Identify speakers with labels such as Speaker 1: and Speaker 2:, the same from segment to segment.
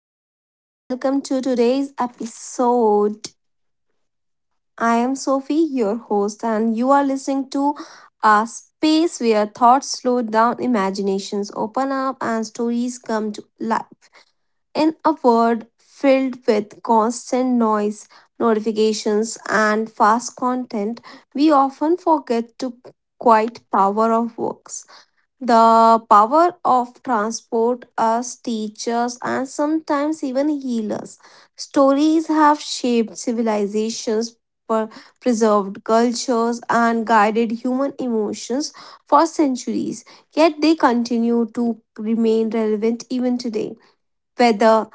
Speaker 1: Everyone, and welcome to today's episode. I am Sophie, your host, and you are listening to a space where thoughts slow down, imaginations open up, and stories come to life. In a world filled with constant noise, notifications, and fast content, we often forget to quiet power of works the power of transport as teachers and sometimes even healers. Stories have shaped civilizations, per- preserved cultures, and guided human emotions for centuries. Yet they continue to remain relevant even today. Whether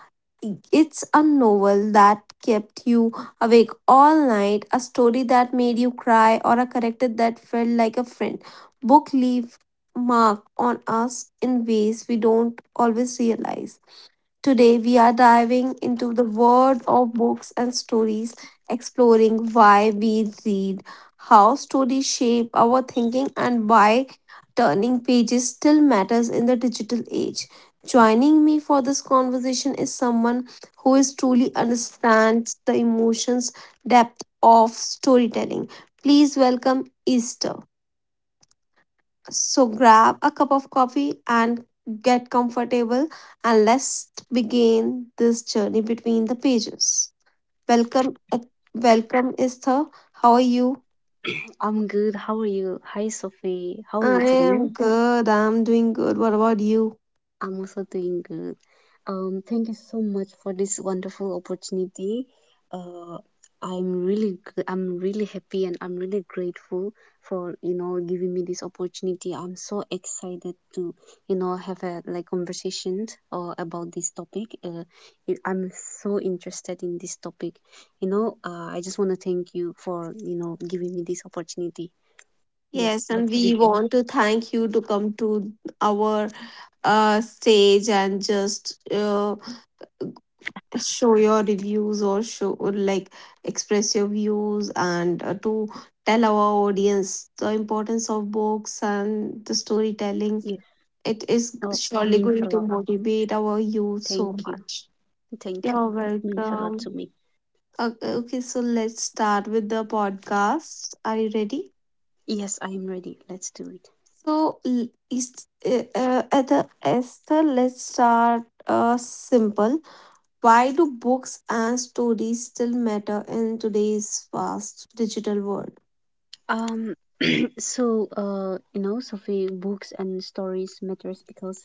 Speaker 1: it's a novel that kept you awake all night, a story that made you cry, or a character that felt like a friend. Book leave mark on us in ways we don't always realize. Today, we are diving into the world of books and stories, exploring why we read, how stories shape our thinking, and why turning pages still matters in the digital age. Joining me for this conversation is someone who is truly understands the emotions depth of storytelling. Please welcome Easter. So grab a cup of coffee and get comfortable and let's begin this journey between the pages. Welcome uh, welcome Esther. How are you?
Speaker 2: I'm good. How are you? Hi, Sophie. How are you
Speaker 1: I am
Speaker 2: doing?
Speaker 1: good. I'm doing good. What about you?
Speaker 2: I'm also doing good. Thank you so much for this wonderful opportunity. Uh, I'm really happy and I'm really grateful for, you know, giving me this opportunity. I'm so excited to, you know, have a like conversation about this topic. I'm so interested in this topic. You know, I just want to thank you for, you know, giving me this opportunity. Yes,
Speaker 1: Yes, and
Speaker 2: let's
Speaker 1: we
Speaker 2: begin.
Speaker 1: want to thank you to come to our stage and just show your reviews or show or like express your views and to tell our audience the importance of books and the storytelling.
Speaker 2: Yeah.
Speaker 1: It is
Speaker 2: Oh,
Speaker 1: surely
Speaker 2: means a
Speaker 1: going to
Speaker 2: lot.
Speaker 1: motivate our youth so
Speaker 2: Thank you.
Speaker 1: much.
Speaker 2: Thank you.
Speaker 1: You're
Speaker 2: It means a lot
Speaker 1: welcome.
Speaker 2: to me.
Speaker 1: Okay, okay, so let's start with the podcast. Are you ready?
Speaker 2: Yes, I am ready. Let's do it.
Speaker 1: So is at the Esther, let's start simple. Why do books and stories still matter in today's fast digital world?
Speaker 2: Um, so you know, Sophie, books and stories matters because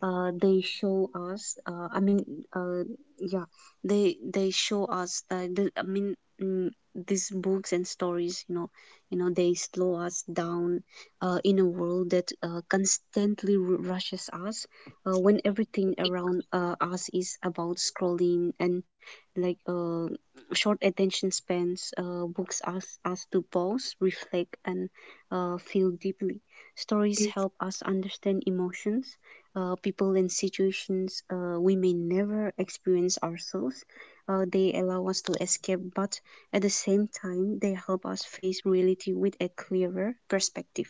Speaker 2: they show us. Uh, yeah, they show us. Mm, these books and stories, you know, they slow us down in a world that constantly rushes us. When everything around us is about scrolling and like short attention spans, books ask us to pause, reflect, and feel deeply. Stories help us understand emotions, people, and situations we may never experience ourselves. They allow us to escape, but at the same time, they help us face reality with a clearer perspective.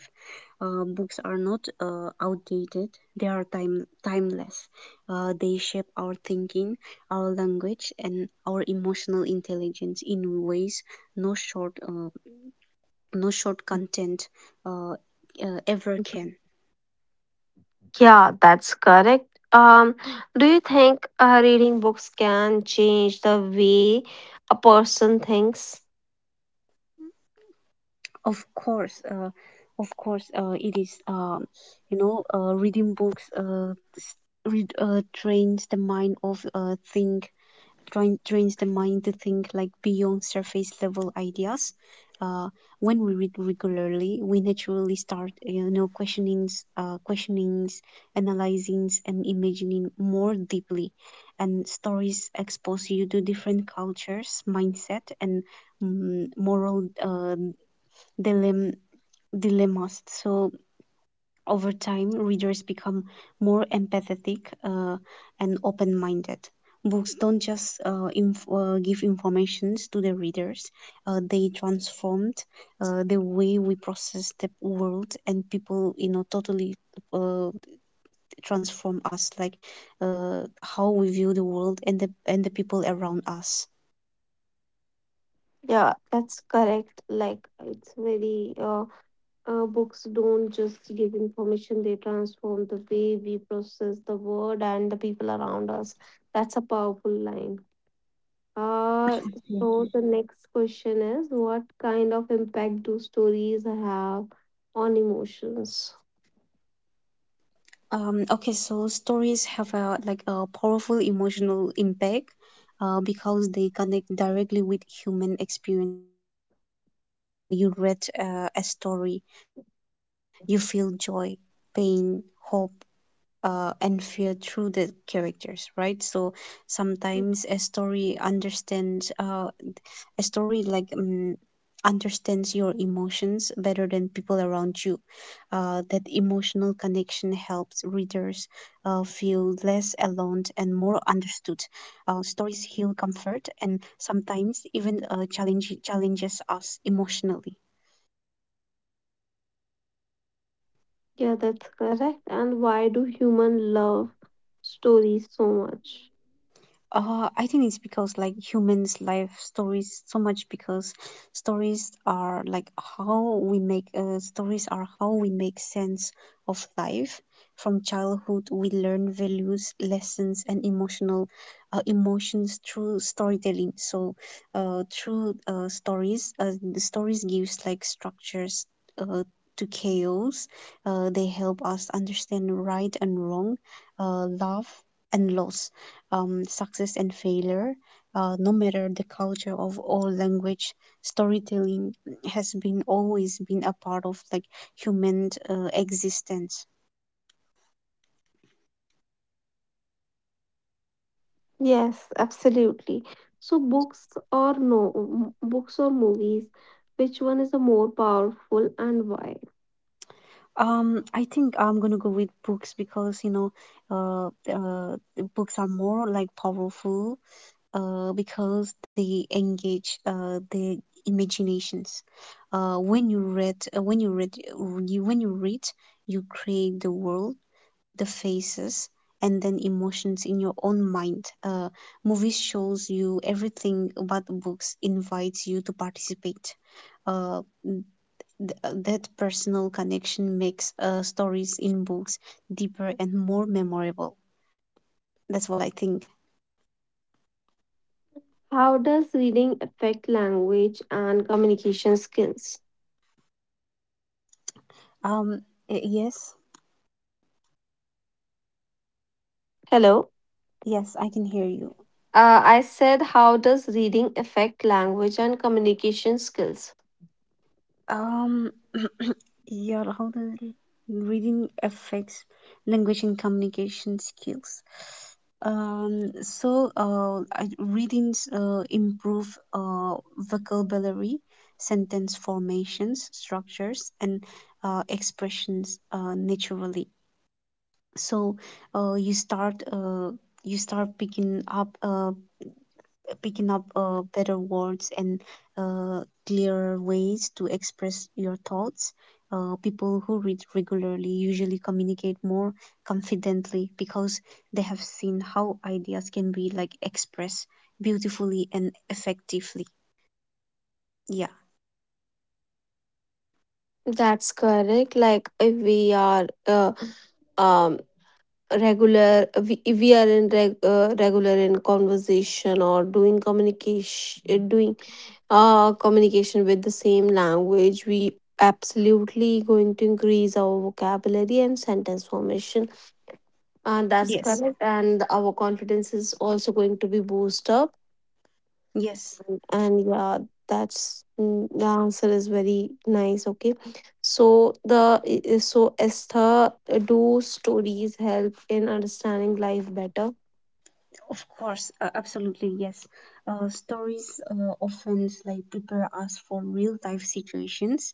Speaker 2: Books are not outdated; they are timeless. They shape our thinking, our language and our emotional intelligence in ways no short uh, no short content uh, ever can.
Speaker 1: Yeah, that's correct. Do you think reading books can change the way a person thinks?
Speaker 2: Of course. Of course it is. Reading books, s- read, uh, trains the mind of uh, think trains the mind to think like beyond surface level ideas. Uh, when we read regularly, we naturally start, you know, questionings, analyzing, and imagining more deeply. And stories expose you to different cultures, mindset, and mm, moral uh, dilem- dilemmas. So over time, readers become more empathetic and open minded. Books don't just give informations to the readers, they transformed the way we process the world and people, you know, totally uh, transform us, like how we view the world and the people around us.
Speaker 1: Yeah, that's correct. Like, it's very books don't just give information; they transform the way we process the world and the people around us. That's a powerful line. Uh, so the next question is, what kind of impact do stories have on emotions?
Speaker 2: Okay, so stories have a like a powerful emotional impact because they connect directly with human experience. You read a story, you feel joy, pain, hope, and fear through the characters, right? So sometimes a story understands your emotions better than people around you. That emotional connection helps readers feel less alone and more understood. Stories heal comfort and sometimes even challenges us emotionally.
Speaker 1: Yeah, that's correct. And why do humans love stories so much?
Speaker 2: I think it's because like humans' life stories so much because stories are like stories are how we make sense of life. From childhood, we learn values, lessons, and emotional emotions through storytelling. So, through stories, the stories gives like structures uh, to chaos. They help us understand right and wrong, love and loss, success and failure, no matter the culture of all language, storytelling has been always been a part of like human existence.
Speaker 1: Yes, absolutely. So books or no m- books or movies, which one is the more powerful and why?
Speaker 2: I think I'm gonna go with books because you know, uh, the books are more like powerful, because they engage the imaginations. When you read, you, When you read, you create the world, the faces and then emotions in your own mind. Movies shows you everything but books invites you to participate. Uh, that personal connection makes stories in books deeper and more memorable. That's what I think.
Speaker 1: How does reading affect language and communication skills?
Speaker 2: Um, yes,
Speaker 1: Hello.
Speaker 2: yes, I can hear you.
Speaker 1: I said, how does reading affect language and communication skills?
Speaker 2: Um, yeah, how does reading affects language and communication skills? Readings improve vocabulary, sentence formations, structures, and expressions naturally. So uh, you start uh, you start picking up better words and uh, clearer ways to express your thoughts. People who read regularly usually communicate more confidently because they have seen how ideas can be like expressed beautifully and effectively. Yeah.
Speaker 1: That's correct. Like, if we are um, regular, if we are in regular in conversation or doing communication with the same language, we absolutely going to increase our vocabulary and sentence formation. And that's
Speaker 2: Yes.
Speaker 1: correct. And our confidence is also going to be boosted up.
Speaker 2: Yes.
Speaker 1: And yeah, the answer is very nice. Okay, so so Esther, do stories help in understanding life better?
Speaker 2: Of course, absolutely, yes. Stories often like prepare us for real life situations.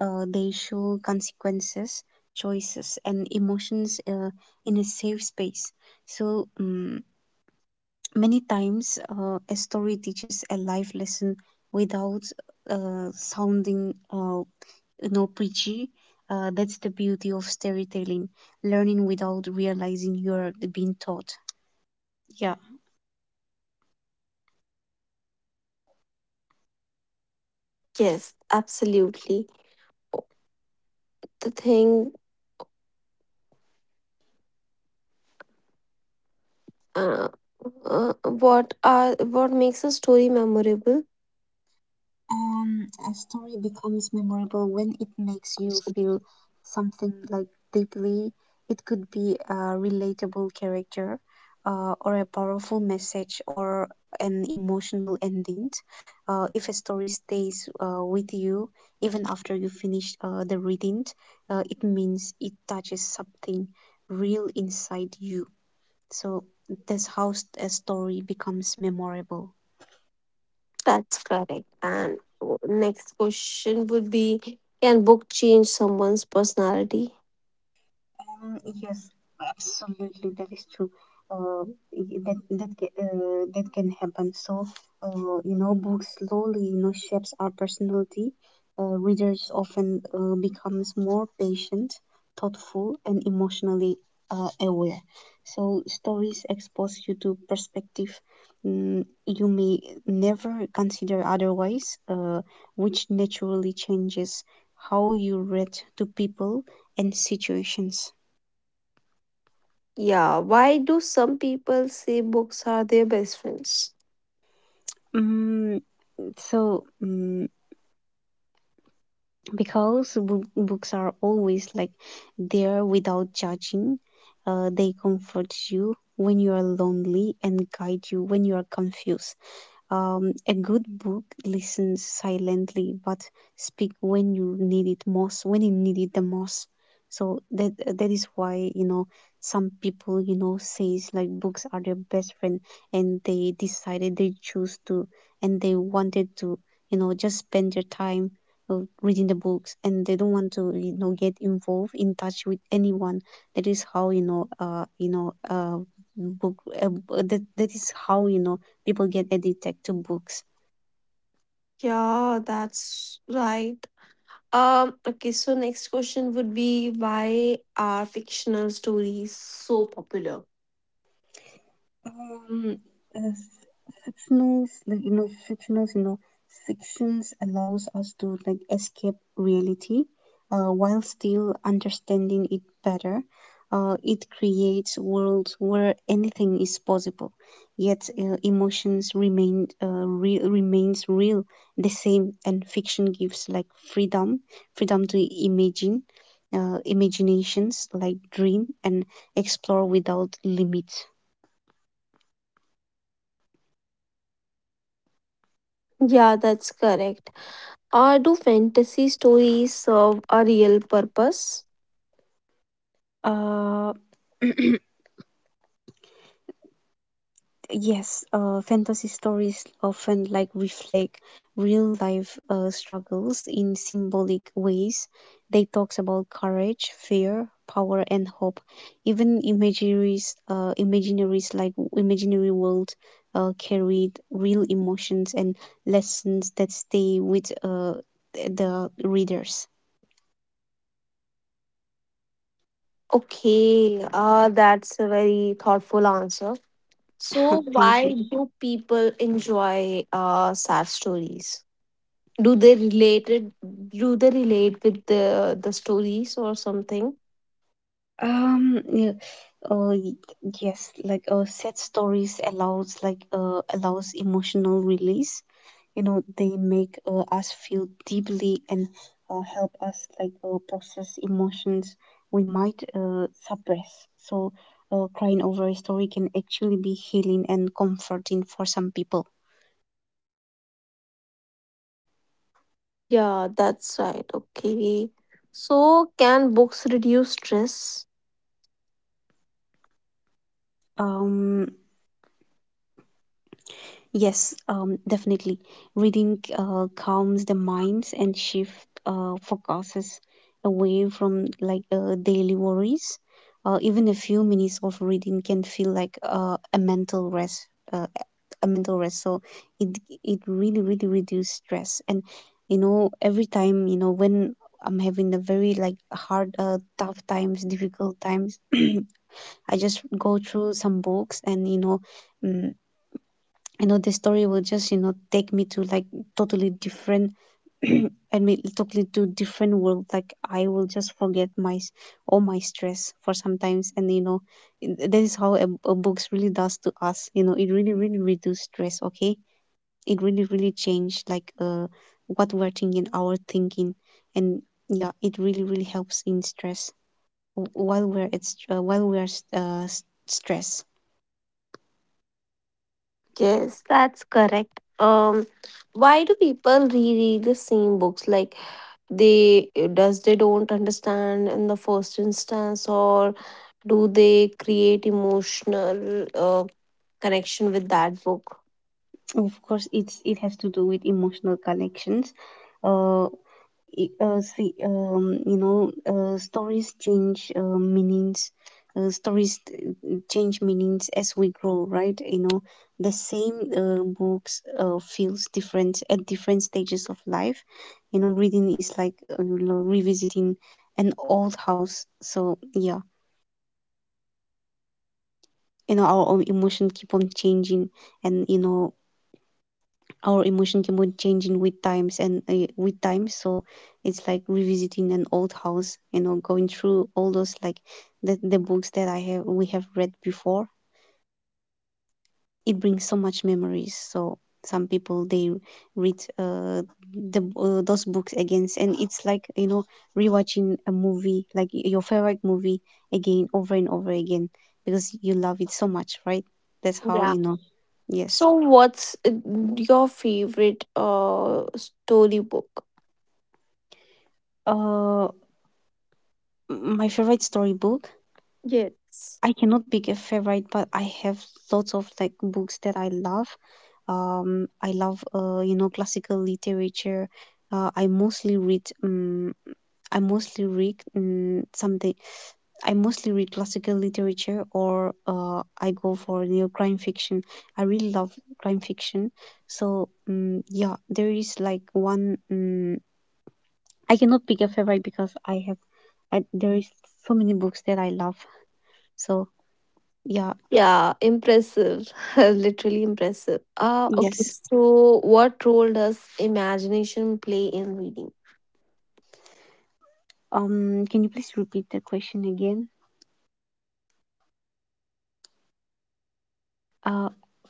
Speaker 2: They show consequences, choices, and emotions in a safe space. So many times, a story teaches a life lesson without sounding, you know, preachy. That's the beauty of storytelling, learning without realizing you're being taught. Yeah.
Speaker 1: Yes, absolutely. Oh, The thing, uh, what are what makes a story memorable?
Speaker 2: A story becomes memorable when it makes you feel something like deeply. It could be a relatable character, or a powerful message, or an emotional ending. If a story stays with you even after you finish the reading, it means it touches something real inside you. So a story becomes memorable.
Speaker 1: That's correct. And next question would be, can book change someone's personality?
Speaker 2: Yes, absolutely, that is true. Uh, that can happen. So, you know, books slowly, you know, shapes our personality. Readers often becomes more patient, thoughtful, and emotionally aware. So, stories expose you to perspective, you may never consider otherwise, which naturally changes how you read to people and situations.
Speaker 1: Yeah, why do some people say books are their best friends?
Speaker 2: Mm, so, mm, because books are always like there without judging, they comfort you when you are lonely and guide you when you are confused. A good book listens silently but speak when you need it most, when you need it the most. So that is why, you know, some people, you know, says like books are their best friend, and they choose to and they wanted to, you know, just spend their time reading the books and they don't want to, you know, get involved in touch with anyone. That is how you know book uh, that that is how you know people get addicted to books.
Speaker 1: Yeah, that's right. Okay, so next question would be, why are fictional stories so popular?
Speaker 2: Um, uh, fictionals, like you know, fictionals, you know, Fictions allows us to like escape reality, while still understanding it better. It creates worlds where anything is possible, yet emotions remains real, the same, and fiction gives like freedom, freedom to imagine, imaginations like dream and explore without limits.
Speaker 1: Yeah, that's correct. Do fantasy stories serve a real purpose?
Speaker 2: Uh, yes, fantasy stories often like reflect real life struggles in symbolic ways. They talks about courage, fear, power, and hope. Even imaginaries, like imaginary world, carried real emotions and lessons that stay with the readers.
Speaker 1: Okay, that's a very thoughtful answer. So,
Speaker 2: Thank you.
Speaker 1: why do people enjoy sad stories? Do they relate it, do they relate with the stories or something?
Speaker 2: Yeah, uh, y- yes, like sad stories allows like allows emotional release. You know, they make us feel deeply and help us like process emotions we might suppress. So, crying over a story can actually be healing and comforting for some people.
Speaker 1: Yeah, that's right. Okay. So, can books reduce stress?
Speaker 2: Um, Yes, definitely. Reading calms the minds and shift focuses away from like daily worries. Even a few minutes of reading can feel like a mental rest, uh, a mental rest. So it it really really reduces stress. And you know, every time you know when I'm having a very like hard, tough times, difficult times, I just go through some books and you know. mm you know the story will just you know take me to like totally different, I mean totally to different world, like I will just forget all my stress for sometimes and you know that is how a books really does to us, you know it really really reduce stress. Okay, it really really change like what we're thinking, our thinking, and yeah it really really helps in stress while we're stressed.
Speaker 1: Yes, that's correct. Why do people reread the same books? Like, they does they don't understand in the first instance, or do they create emotional connection with that book?
Speaker 2: Of course, it has to do with emotional connections. Uh, See, you know, stories change meanings. Uh, stories t- Change meanings as we grow, right? You know, the same books feels different at different stages of life. You know, reading is like you know, revisiting an old house. So yeah, you know, our own emotion keep on changing, and you know, our emotion can be changing with times and with time, so it's like revisiting an old house, you know, going through all those like the books that I have we have read before. It brings so much memories, so some people they read the those books again and it's like, you know, rewatching a movie like your favorite movie again over and over again because you love it so much, right? That's how
Speaker 1: Yeah.
Speaker 2: you know. Yes.
Speaker 1: So, what's your favorite story book?
Speaker 2: uh my favorite storybook?
Speaker 1: Yes.
Speaker 2: I cannot pick a favorite, but I have lots of like books that I love. I love you know, classical literature. Uh, I mostly read um, I mostly read something. I mostly read classical literature, or I go for crime fiction. I really love crime fiction. So, yeah, there is like one. I cannot pick a favorite because there is so many books that I love. So, yeah,
Speaker 1: Yeah, impressive. Literally impressive. Ah, okay.
Speaker 2: yes.
Speaker 1: So, what role does imagination play in reading?
Speaker 2: Can you please repeat the question again? Uh,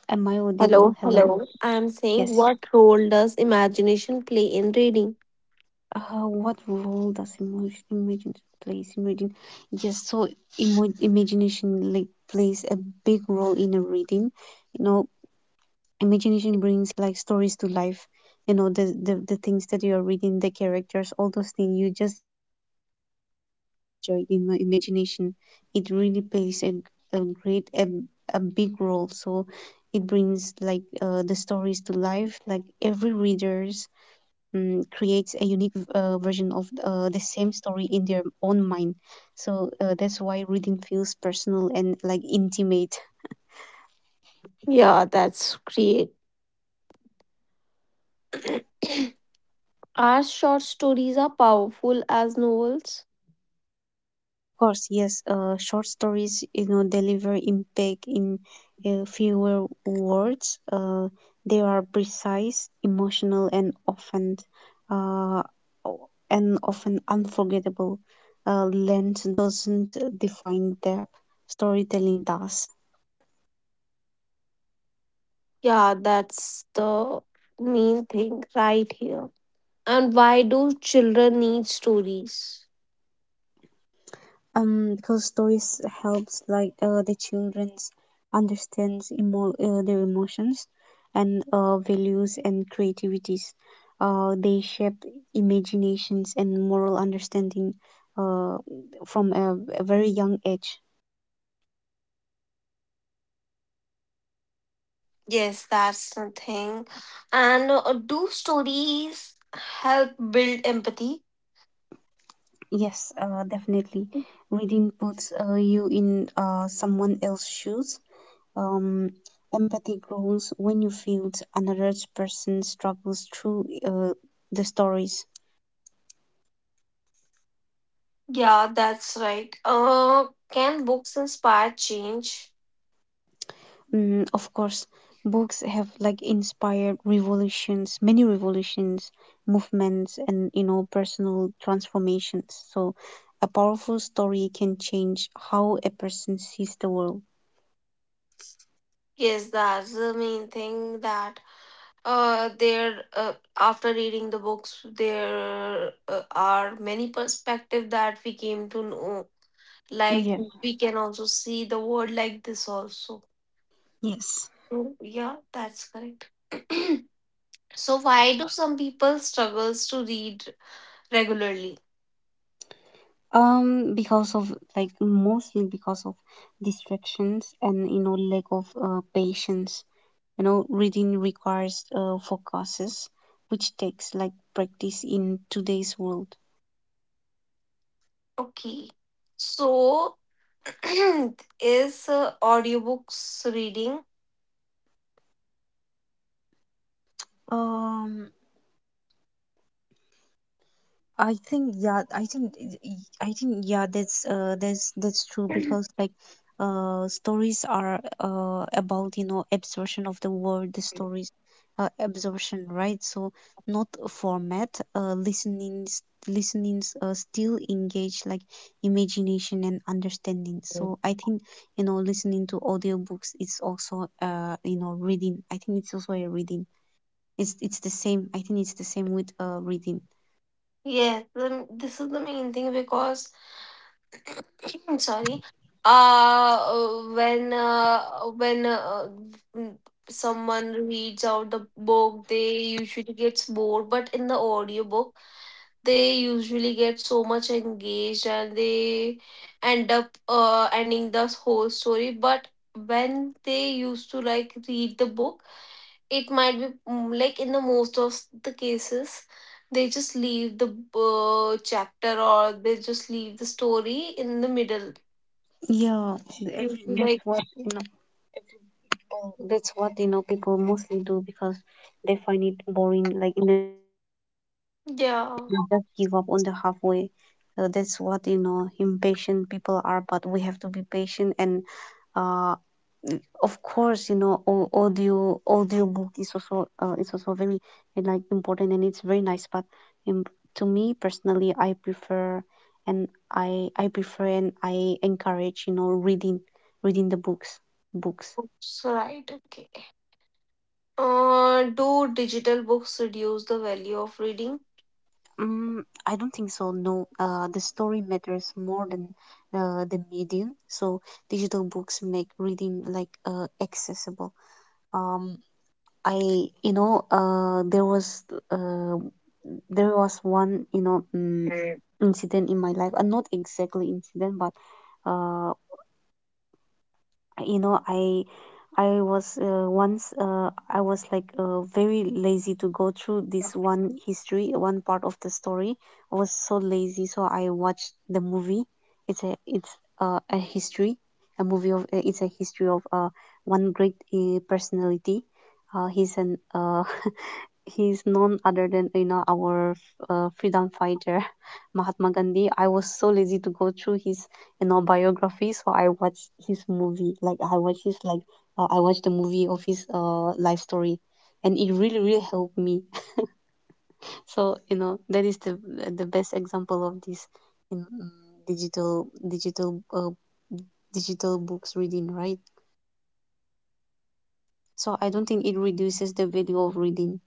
Speaker 2: am I audible?
Speaker 1: Hello,
Speaker 2: Hello?
Speaker 1: hello. I'm saying,
Speaker 2: Yes.
Speaker 1: what role does imagination play in reading?
Speaker 2: What role does emotion imagine plays? Imagine, yes. So, imagination like plays a big role in a reading. You know, imagination brings like stories to life. The things that you are reading, the characters, all those things, you just join in your imagination. It really plays a great, a big role. So it brings like the stories to life, like every readers creates a unique version of the same story in their own mind. So that's why reading feels personal and like intimate.
Speaker 1: Yeah, that's great. Are short stories are powerful as novels?
Speaker 2: Of course, yes. Short stories, you know, deliver impact in fewer words. They are precise, emotional, and uh, and often unforgettable. Length doesn't define depth; storytelling does.
Speaker 1: Yeah, that's the main thing right here. And why do children need stories?
Speaker 2: Because stories helps like the children's understands their emotions and values and creativities. They shape imaginations and moral understanding uh, from a very young age.
Speaker 1: Yes, that's the thing. And do stories help build empathy?
Speaker 2: Yes, definitely, reading puts you in someone else's shoes. um, Empathy grows when you feel another person's struggles through the stories.
Speaker 1: Yeah, that's right. Can books inspire change?
Speaker 2: Of course, books have like inspired revolutions, many revolutions, movements, and, you know, personal transformations. So, a powerful story can change how a person sees the world.
Speaker 1: Yes, that's the main thing that there after reading the books there are many perspectives that we came to know. Like,
Speaker 2: Yeah.
Speaker 1: we can also see the world like this also.
Speaker 2: Yes.
Speaker 1: So, yeah, that's correct. So why do some people struggles to read regularly?
Speaker 2: Because of, like, mostly because of distractions and, you know, lack of patience. You know, reading requires focuses, which takes like practice in today's world.
Speaker 1: Okay. So, is audiobooks reading?
Speaker 2: Um, I think yeah, I think I think yeah, that's true because like stories are about, you know, absorption of the world, the stories, absorption, right? So not a format, listenings, still engage like imagination and understanding. So I think, you know, listening to audiobooks is also you know reading. I think it's also a reading. It's the same. I think it's the same with reading.
Speaker 1: Yes, this is the main thing because sorry. When when mm, someone reads out the book they usually gets bored, but in the audiobook they usually get so much engaged and they end up ending the whole story. But when they used to like read the book, it might be like, in the most of the cases they just leave the chapter or they just leave the story in the middle.
Speaker 2: Yeah,
Speaker 1: You
Speaker 2: every, that's
Speaker 1: like,
Speaker 2: what you know. That's what you know people mostly do, because they find it boring. Like, you know, they just give up on
Speaker 1: yeah,
Speaker 2: the halfway. So that's what you know. Impatient people are, but we have to be patient. And uh, of course, you know, audio book is also very like important, and it's very nice. But um, to me personally, I prefer and I encourage, you know, reading the books books.
Speaker 1: books, right, okay. Do digital books reduce the value of reading?
Speaker 2: I don't think so. No, the story matters more than the medium. So digital books make reading like accessible. Um, I you know uh, there was one
Speaker 1: Mm.
Speaker 2: incident in my life, not exactly incident, but uh, you know, I was once, I was like, very lazy to go through this one history, one part of the story. I was so lazy, so I watched the movie. It's a it's a history a movie of it's a history of one great personality. He's an He's none other than, you know, our freedom fighter Mahatma Gandhi. I was so lazy to go through his, you know, biography, so I watched his movie, like I watched the movie of his life story. And it really, really helped me. So, you know, that is the best example of this, you know, digital digital uh, digital books reading, right? So I don't think it reduces the value of reading.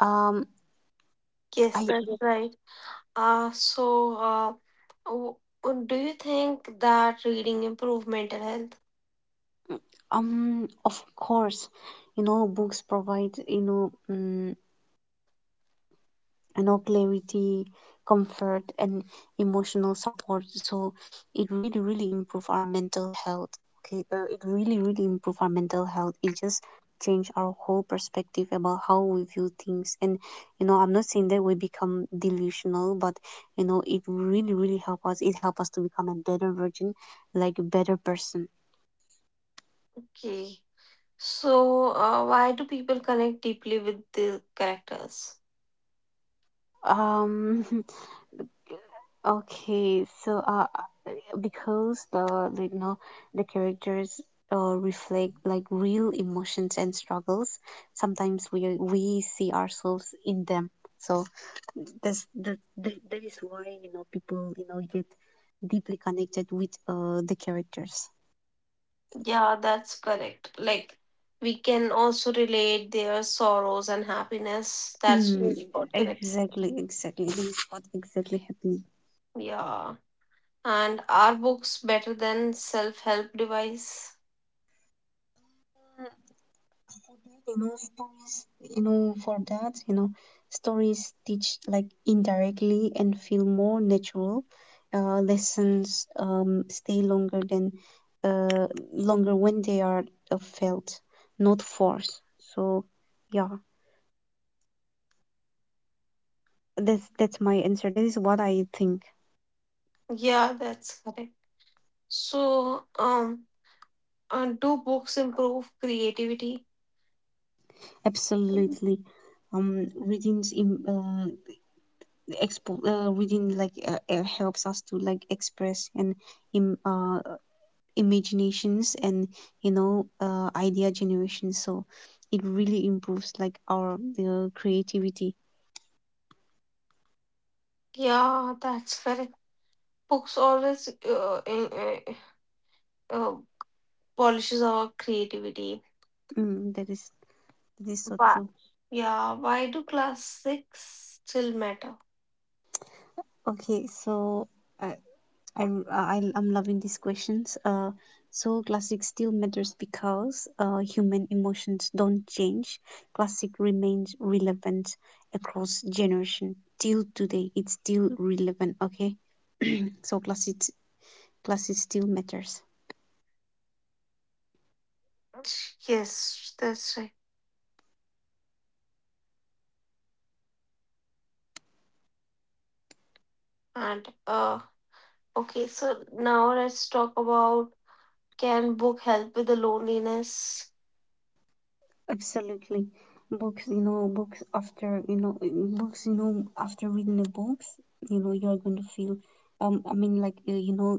Speaker 2: um
Speaker 1: Yes,
Speaker 2: I,
Speaker 1: that's right. So, w- do you think that reading improve mental health?
Speaker 2: Of course, you know, books provide, you know, clarity, comfort, and emotional support. So it really, really improve our mental health. Okay, it really, really improve our mental health. It just change our whole perspective about how we view things. And, you know, I'm not saying that we become delusional, but, you know, it really, really help us. It help us to become a better version, like a better person.
Speaker 1: Okay. So, why do people connect deeply with the characters?
Speaker 2: Um, Okay, so, because the like, you know, the characters reflect like real emotions and struggles. Sometimes we see ourselves in them. So that is why, you know, people, you know, get deeply connected with the characters.
Speaker 1: Yeah, that's correct. Like, we can also relate their sorrows and happiness. That's
Speaker 2: Mm,
Speaker 1: really what connect.
Speaker 2: exactly, exactly. This is what exactly happened.
Speaker 1: Yeah. And are books better than self-help device?
Speaker 2: You know, stories, you know, for that, You know, stories teach like indirectly and feel more natural. Lessons stay uh, longer when they are felt, not forced. So, yeah, that's my answer. That is what I think.
Speaker 1: Yeah, that's correct. So, do books improve creativity?
Speaker 2: Absolutely. Readings in expo Reading like helps us to, like, express and im imaginations and, you know, idea generation. So it really improves like our creativity.
Speaker 1: Yeah, that's correct. Books always uh, polishes our creativity.
Speaker 2: That is so
Speaker 1: But
Speaker 2: true.
Speaker 1: yeah, why do classics still matter?
Speaker 2: Okay, so, uh, I, I'm loving these questions. So, classic still matters because human emotions don't change. Classic remains relevant across generation; till today it's still relevant. Okay. So, classic still matters.
Speaker 1: Yes, that's right. And okay, so now let's talk about, can book help with the loneliness?
Speaker 2: Absolutely. Books, you know, after reading the books, you know, you're going to feel, I mean, like, you know,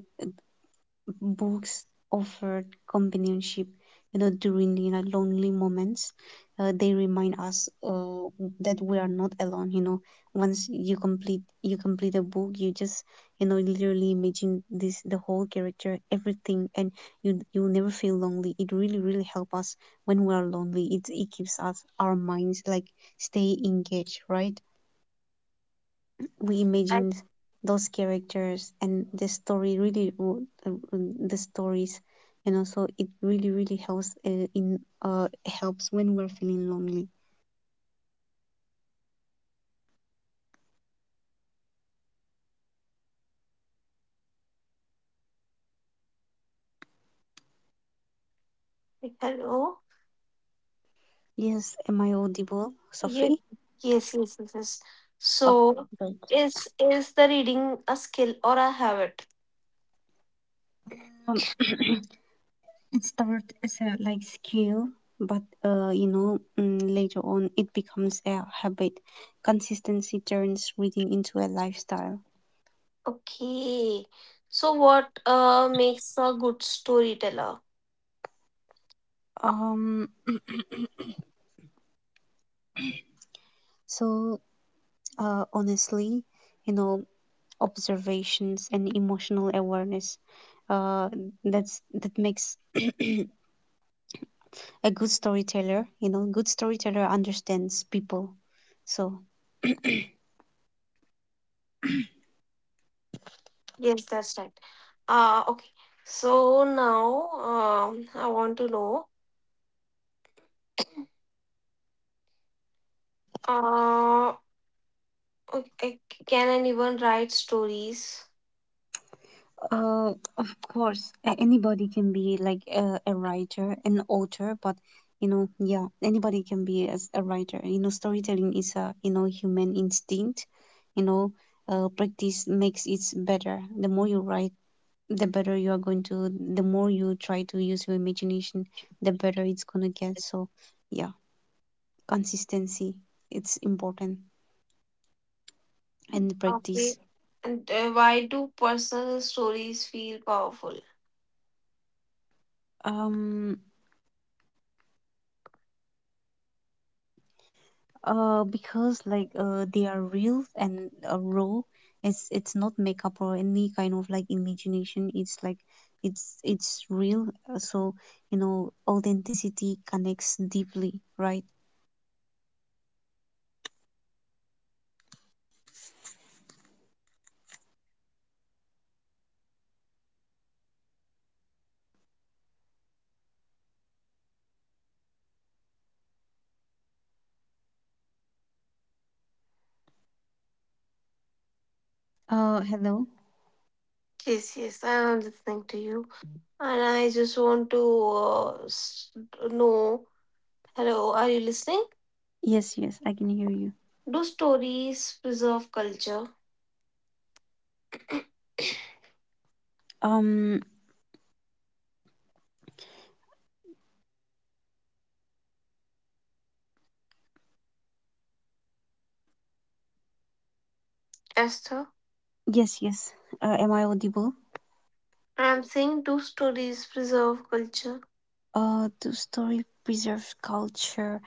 Speaker 2: books offered companionship, you know, during, you know, lonely moments. They remind us that we are not alone. You know, once you complete a book, you just, you know, literally imagine this, the whole character, everything, and you never feel lonely. It really, really helps us when we are lonely. It keeps us, our minds like stay engaged, right? We
Speaker 1: I
Speaker 2: imagined those characters and the story really, the stories, and also it really, really helps in helps when we're feeling lonely.
Speaker 1: think, hello.
Speaker 2: Yes, am I audible,
Speaker 1: Yes,
Speaker 2: Sophie?
Speaker 1: yes, yes, yes, yes.
Speaker 2: Okay,
Speaker 1: So,
Speaker 2: great.
Speaker 1: is the reading a skill or a habit?
Speaker 2: It started as a, like, skill, but you know, later on it becomes a habit. Consistency turns reading into a lifestyle.
Speaker 1: Okay. So what makes a good storyteller?
Speaker 2: um so, honestly, you know, observations and emotional awareness, uh, that makes a good storyteller. You know, good storyteller understands people. So,
Speaker 1: Yes, that's right. Okay. So now I want to know, uh okay, can anyone write stories?
Speaker 2: uh, of course, anybody can be like a writer, an author. But you know, yeah, anybody can be as a writer. You know, storytelling is a, you know, human instinct. You know, practice makes it better. The more you write, the better you are going to. The more you try to use your imagination, the better it's going to get. So, yeah, consistency, it's important, and
Speaker 1: Okay.
Speaker 2: practice.
Speaker 1: And why do personal stories feel powerful?
Speaker 2: um because, like, they are real and, raw. It's not makeup or any kind of like imagination. It's like, it's real. So, you know, authenticity connects deeply, right? Hello?
Speaker 1: Yes, yes, I'm listening to you. And I just want to know. Hello, are you listening?
Speaker 2: Yes, yes, I can hear you.
Speaker 1: Do stories preserve culture?
Speaker 2: um
Speaker 1: Esther,
Speaker 2: Yes, yes. Am I audible?
Speaker 1: I am saying two stories preserve culture.
Speaker 2: Do story preserve culture?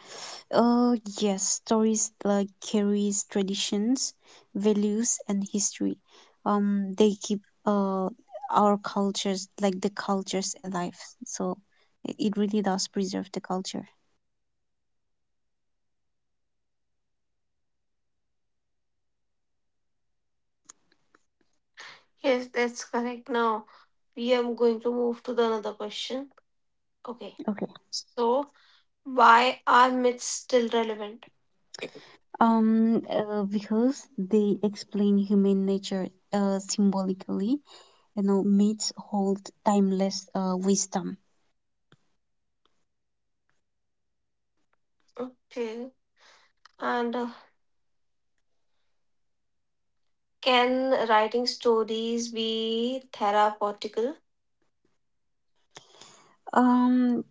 Speaker 2: Yes. Stories like carries traditions, values, and history. They keep uh our cultures, like the cultures, alive. So it really does preserve the culture.
Speaker 1: Yes, that's correct. Now we are going to move to the another question. Okay.
Speaker 2: Okay.
Speaker 1: So why are myths still relevant?
Speaker 2: Because they explain human nature symbolically, you know, myths hold timeless wisdom.
Speaker 1: Okay. And can writing stories be therapeutical?
Speaker 2: Um,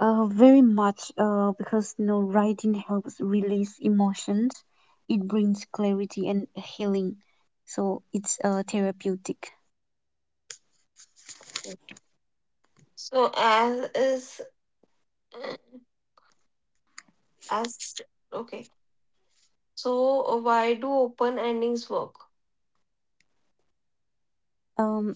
Speaker 2: Very much, because, you know, writing helps release emotions. It brings clarity and healing, so it's therapeutic.
Speaker 1: So as is uh, as okay. So why do open endings work?
Speaker 2: Um,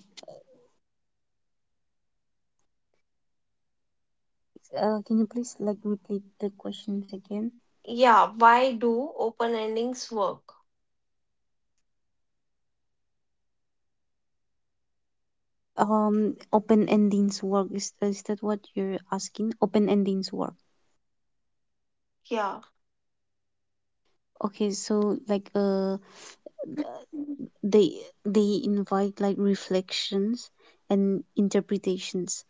Speaker 2: can you please, like, repeat the questions again?
Speaker 1: Yeah, why do open endings work?
Speaker 2: Open endings work, is that what you're asking? Open endings work.
Speaker 1: Yeah.
Speaker 2: Okay, so, like, they they invite like reflections and interpretations.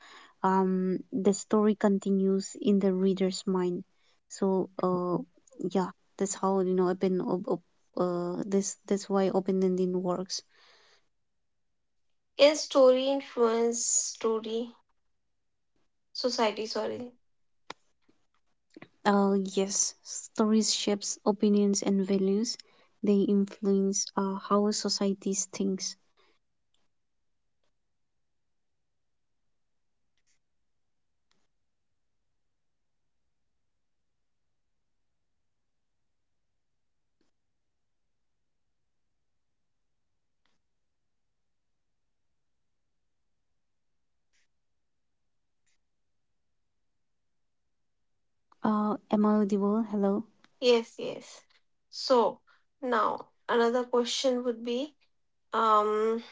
Speaker 2: The story continues in the reader's mind. So, yeah, that's how, you know, open op, op, this that's why open ending works.
Speaker 1: Yes, story influence story society. Sorry.
Speaker 2: Yes, stories shapes opinions and values. They influence how societies thinks. Am I audible? Hello?
Speaker 1: Yes, yes. So now another question would be, um,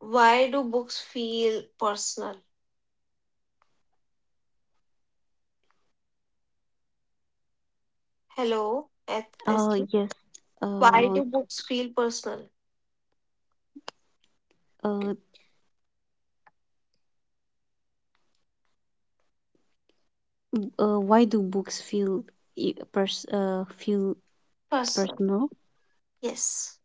Speaker 1: why do books feel personal? Hello, Esther.
Speaker 2: Yes.
Speaker 1: Why
Speaker 2: uh,
Speaker 1: do books feel personal?
Speaker 2: uh why do books feel feel
Speaker 1: Personal.
Speaker 2: personal?
Speaker 1: Yes.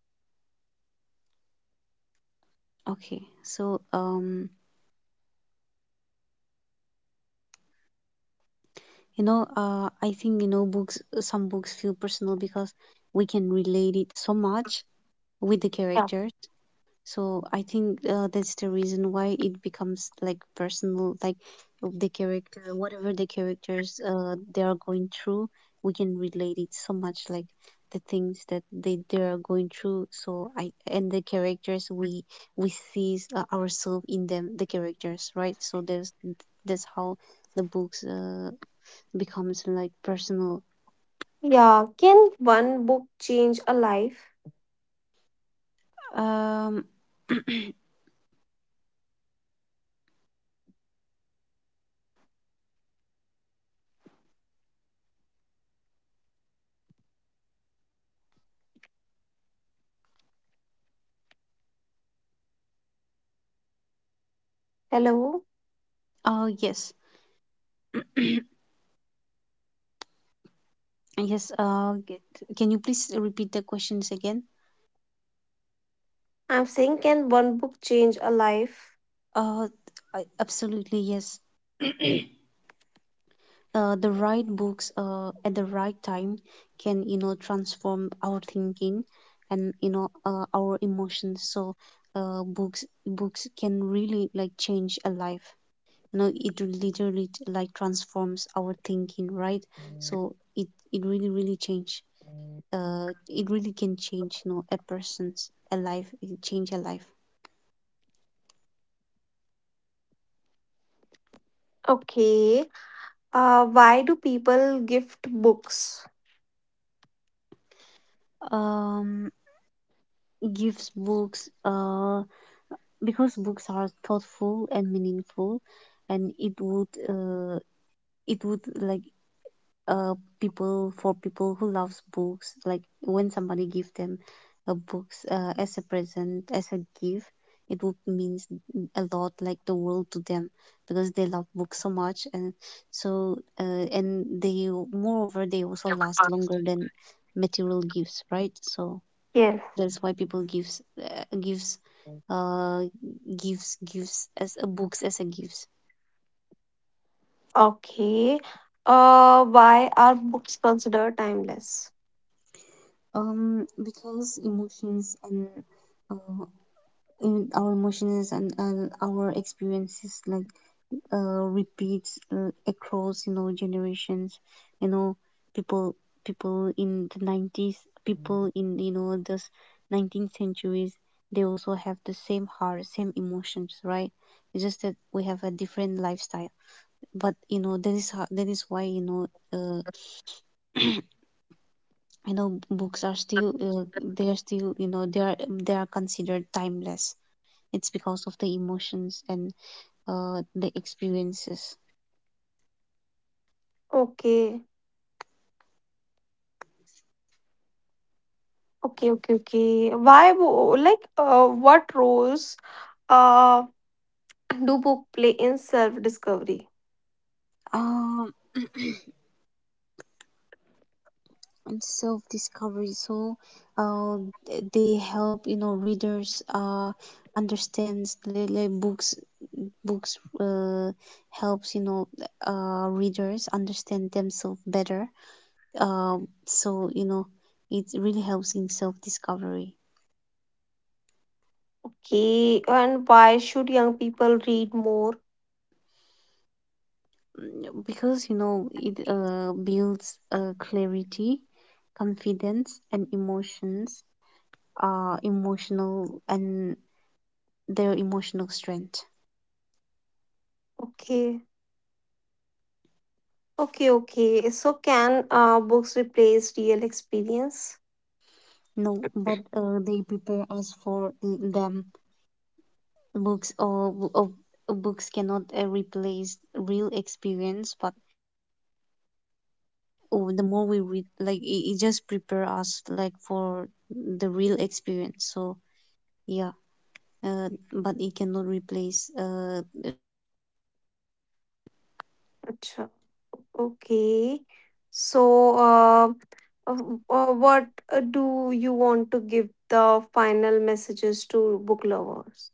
Speaker 2: Okay, so, you know, I think, you know, books. Some books feel personal because we can relate it so much with the
Speaker 1: Yeah.
Speaker 2: characters. So I think that's the reason why it becomes like personal, like of the character, whatever the characters they are going through. We can relate it so much, like the things that they are going through. So, I and the characters, we see ourselves in them, the characters, right? So there's that's how the books becomes like personal.
Speaker 1: Yeah. Can one book change a life?
Speaker 2: Um.
Speaker 1: Hello.
Speaker 2: Oh, yes, yes. Can you please repeat the questions again?
Speaker 1: I'm saying, can one book change a life?
Speaker 2: Uh, Absolutely, yes. The right books at the right time can transform our thinking and our emotions. So books can really like change a life. You know it literally like transforms our thinking, right? So it really really change. It really can change a person's a life. It can change a life.
Speaker 1: Okay. Why do people gift books?
Speaker 2: Um, Gives books. Because books are thoughtful and meaningful and it would like uh people for people who loves books like when somebody give them a books as a present as a gift it would means a lot like the world to them because they love books so much and so and they moreover they also last longer than material gifts, right? So
Speaker 1: Yes.
Speaker 2: that's why people gives uh, gives uh gives gives as a books as a gifts.
Speaker 1: Okay. Why are books considered timeless?
Speaker 2: Because emotions and uh, in our emotions and our experiences like repeats across generations. You know, people people in the 90s, people in the 19th centuries, they also have the same heart, same emotions, right? It's just that we have a different lifestyle, but you know that is why uh, you know books are still they are still you know they are considered timeless. It's because of the emotions and the experiences.
Speaker 1: Okay. Okay, okay, okay. What roles uh, do book play in self-discovery?
Speaker 2: um and self discovery. So uh, they help readers understand the books. Books helps you know readers understand themselves better. So you know, it really helps in self-discovery.
Speaker 1: Okay. And why should young people read more?
Speaker 2: Mm, because you know it builds clarity, confidence, and emotions. Emotional and Their emotional strength.
Speaker 1: Okay. Okay, okay. So can books replace real experience?
Speaker 2: No, but they prepare us for them. Books or Books cannot replace real experience, but oh, the more we read, it just prepare us like for the real experience. So yeah. But it cannot replace.
Speaker 1: अच्छा, okay, so uh, uh, what do you want to give the final messages to book lovers?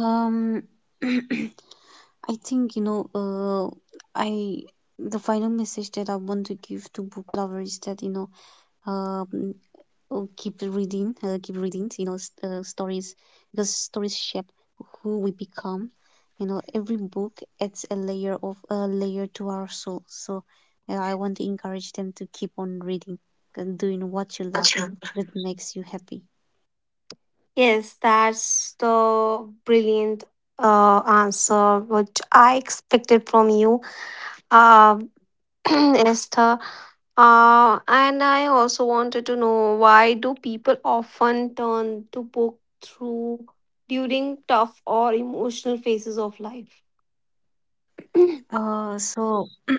Speaker 2: um, I think you know. I The final message that I want to give to book lovers is that you know, um, oh, keep reading, you know, stories, because stories shape who we become. You know, every book adds a layer to our soul. So, I want to encourage them to keep on
Speaker 1: Acha.
Speaker 2: reading and doing what you love that makes you
Speaker 1: Yes,
Speaker 2: happy.
Speaker 1: that's the brilliant answer which I expected from you, uh, Esther. And I also wanted to know, why do people often turn to book through during tough or emotional phases of life?
Speaker 2: So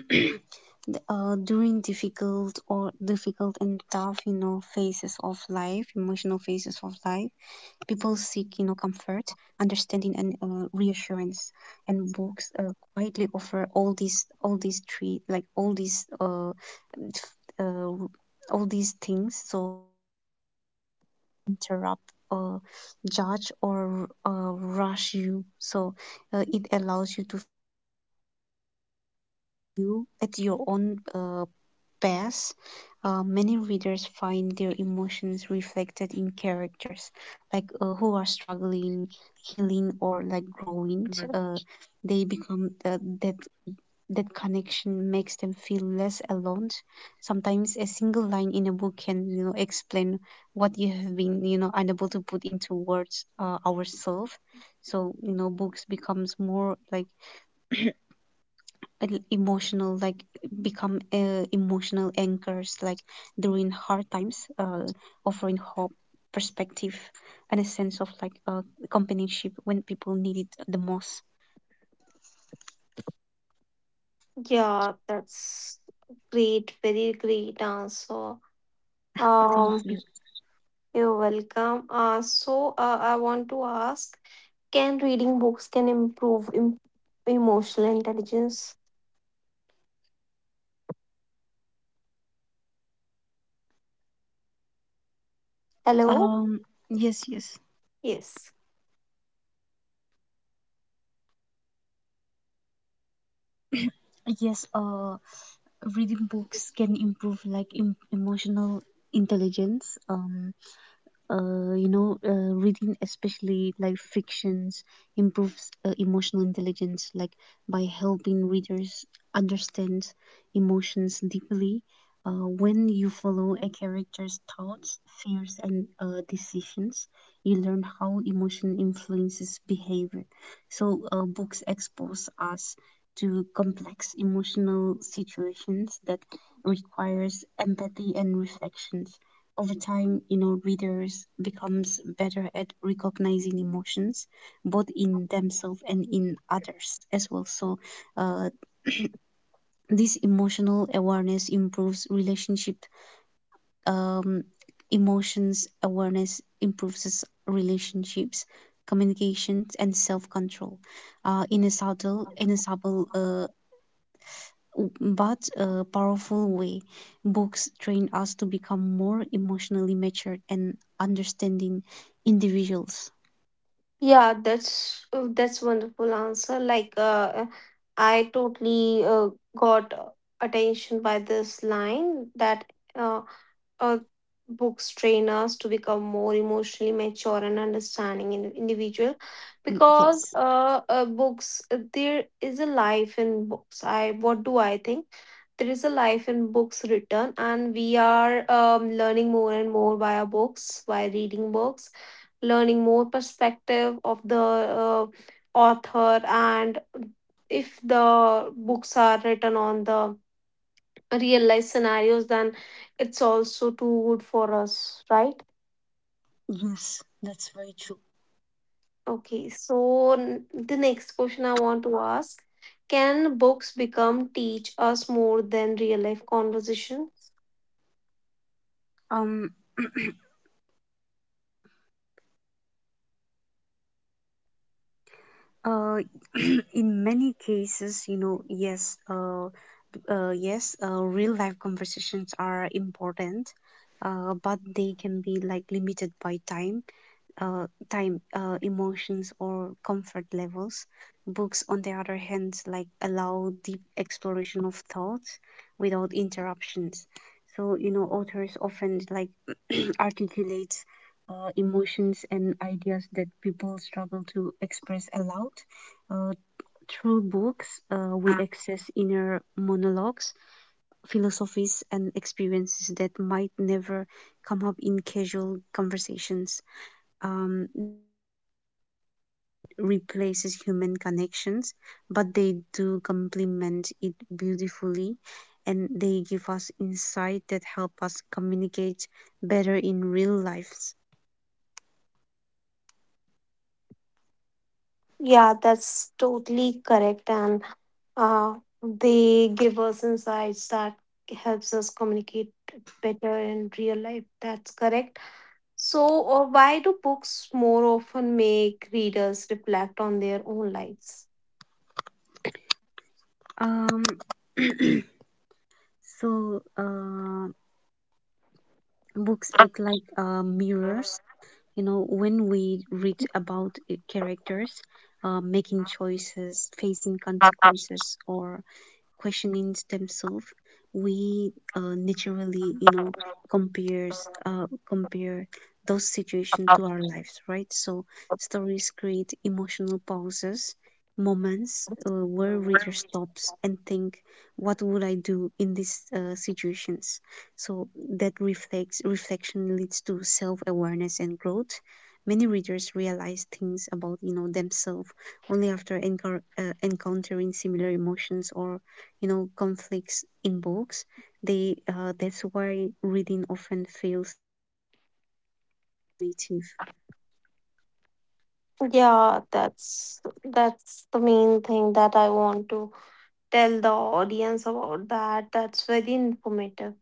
Speaker 2: during difficult and tough you know phases of life, emotional phases of life, people seek you know comfort, understanding, and reassurance. And books quietly offer all these f- uh all these things so interrupt, uh, judge, or rush you. So it allows you to feel at your own uh, pace. Many readers find their emotions reflected in characters, like who are struggling, healing, or like growing. They become that That connection makes them feel less alone. Sometimes a single line in a book can you know explain what you have been you know unable to put into words ourselves. So you know books becomes more like el- emotional like emotional anchors like during hard times, offering hope, perspective, and a sense of like companionship when people need it the most.
Speaker 1: Yeah, that's great, very great answer. Um,
Speaker 2: Thank you.
Speaker 1: you're welcome. So, I want to ask, can reading books can improve emotional intelligence? Hello?
Speaker 2: Um yes yes
Speaker 1: Yes.
Speaker 2: yes, reading books can improve like emotional intelligence. You know, reading especially like fictions improves emotional intelligence, like by helping readers understand emotions deeply. When you follow a character's thoughts, fears, and decisions, you learn how emotion influences behavior. So, books expose us to complex emotional situations that requires empathy and reflections. Over time, you know, readers becomes better at recognizing emotions, both in themselves and in others as well. So, uh, this emotional awareness improves relationship. Um, Emotions awareness improves relationships, communications, and self control. In a subtle, but a powerful way. Books train us to become more emotionally matured and understanding individuals.
Speaker 1: Yeah, that's wonderful answer. Like, I totally got attention by this line that uh, uh, books train us to become more emotionally mature and understanding in individual
Speaker 2: Mm,
Speaker 1: because
Speaker 2: yes,
Speaker 1: books there is a life in books. I, what do I think, there is a life in books written, and we are learning more and more via books, by reading books, learning more perspective of the uh, author. And if the books are written on the real life scenarios, then it's also too good for us, right?
Speaker 2: yes, that's very true.
Speaker 1: Okay, so the next question I want to ask, can books become teach us more than real life conversations?
Speaker 2: Um, uh, in many cases, you know, yes, real life conversations are important, but they can be like limited by time, emotions, or comfort levels. Books, on the other hand, like allow deep exploration of thoughts without interruptions. So you know, authors often like articulate emotions and ideas that people struggle to express aloud. Uh, through books, we access inner monologues, philosophies, and experiences that might never come up in casual conversations, um, replaces human connections, but they do complement it beautifully and they give us insight that help us communicate better in real lives.
Speaker 1: Yeah, that's totally correct, and uh, they give us insights that helps us communicate better in real life. That's correct. So, why do books more often make readers reflect on their own lives?
Speaker 2: Um, so, books act like mirrors. You know, when we read about characters making choices, facing consequences, or questioning themselves, we naturally, you know, compare those situations to our lives, right? So stories create emotional pauses, moments where reader stops and think, "What would I do in these situations?" So that reflects reflection leads to self awareness and growth. Many readers realize things about you know themselves only after encountering similar emotions or you know conflicts in books. They that's why reading often feels native.
Speaker 1: Yeah, that's the main thing that I want to tell the
Speaker 2: Mhm.
Speaker 1: audience about that. That's very informative.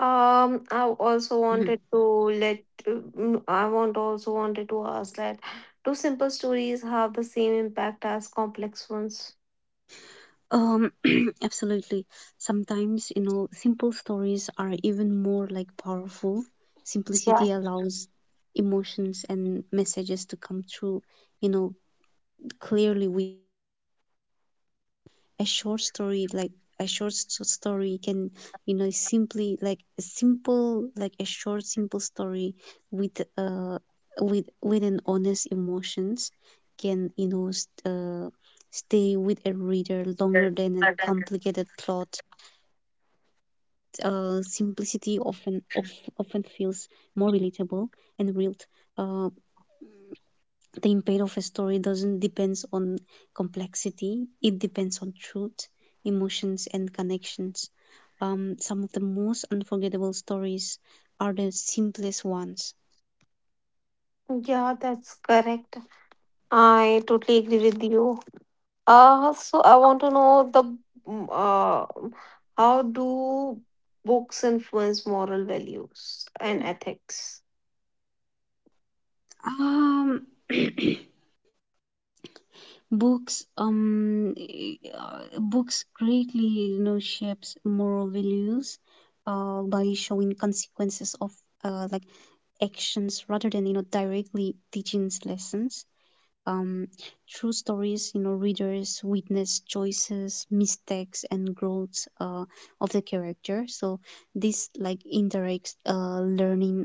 Speaker 1: I also wanted to I want also wanted to ask that, do simple stories
Speaker 2: Um,
Speaker 1: have the same impact
Speaker 2: Absolutely.
Speaker 1: as complex
Speaker 2: Sometimes,
Speaker 1: ones?
Speaker 2: you know, simple stories are even more like powerful. Simplicity allows emotions and messages to come through,
Speaker 1: Yeah.
Speaker 2: you know, clearly. We a short story like a short story can you know simply like a simple like A short simple story with uh with an honest emotions can you know stay with a reader longer than a complicated plot. Uh, often feels more relatable and real. Uh, the impact of a story doesn't depends on complexity, it depends on truth, emotions, and connections. Um, some of the most unforgettable stories are the simplest ones.
Speaker 1: Yeah, that's correct. I totally agree with you. So I want to know the mm, uh, how do books influence moral values and
Speaker 2: um,
Speaker 1: ethics?
Speaker 2: books um, Books greatly you know shapes moral values by showing consequences of like actions rather than you know directly teaching lessons. Um, through stories, you know, readers witness choices, mistakes, and growths of the character. So this like indirect learning,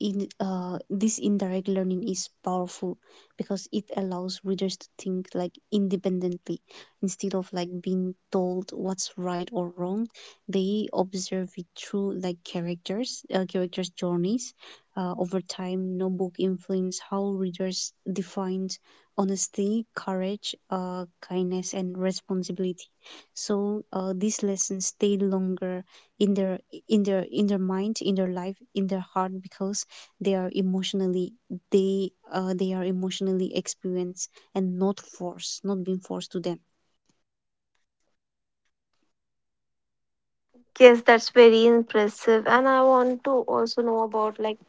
Speaker 2: in this indirect learning is powerful because it allows readers to think like independently instead of like being told what's right or wrong. They observe it through like characters journeys. Uh, over time no book influence how readers define honesty, courage, kindness, and responsibility. So these lessons stay longer in their in their mind, in their life, in their heart because they are emotionally they are emotionally experienced and not forced, not being forced to them.
Speaker 1: Yes, that's very impressive. And I want to also know about, like,